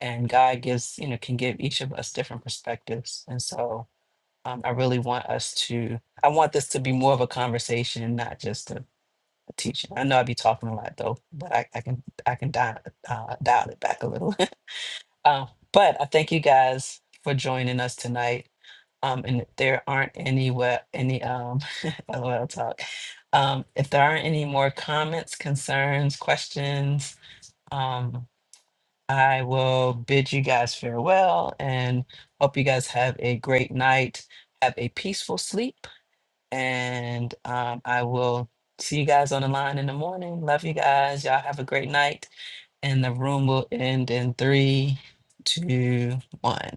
Speaker 1: and God gives, you know, can give each of us different perspectives. And so um, I really want us to, I want this to be more of a conversation and not just a, a teaching. I know I be talking a lot though, but I, I can, I can dial, uh, dial it back a little. um, but I thank you guys for joining us tonight. Um, and if there aren't any, we- any, um, LOL talk. Um, if there aren't any more comments, concerns, questions, um. I will bid you guys farewell and hope you guys have a great night. Have a peaceful sleep. And um, I will see you guys on the line in the morning. Love you guys. Y'all have a great night. And the room will end in three, two, one.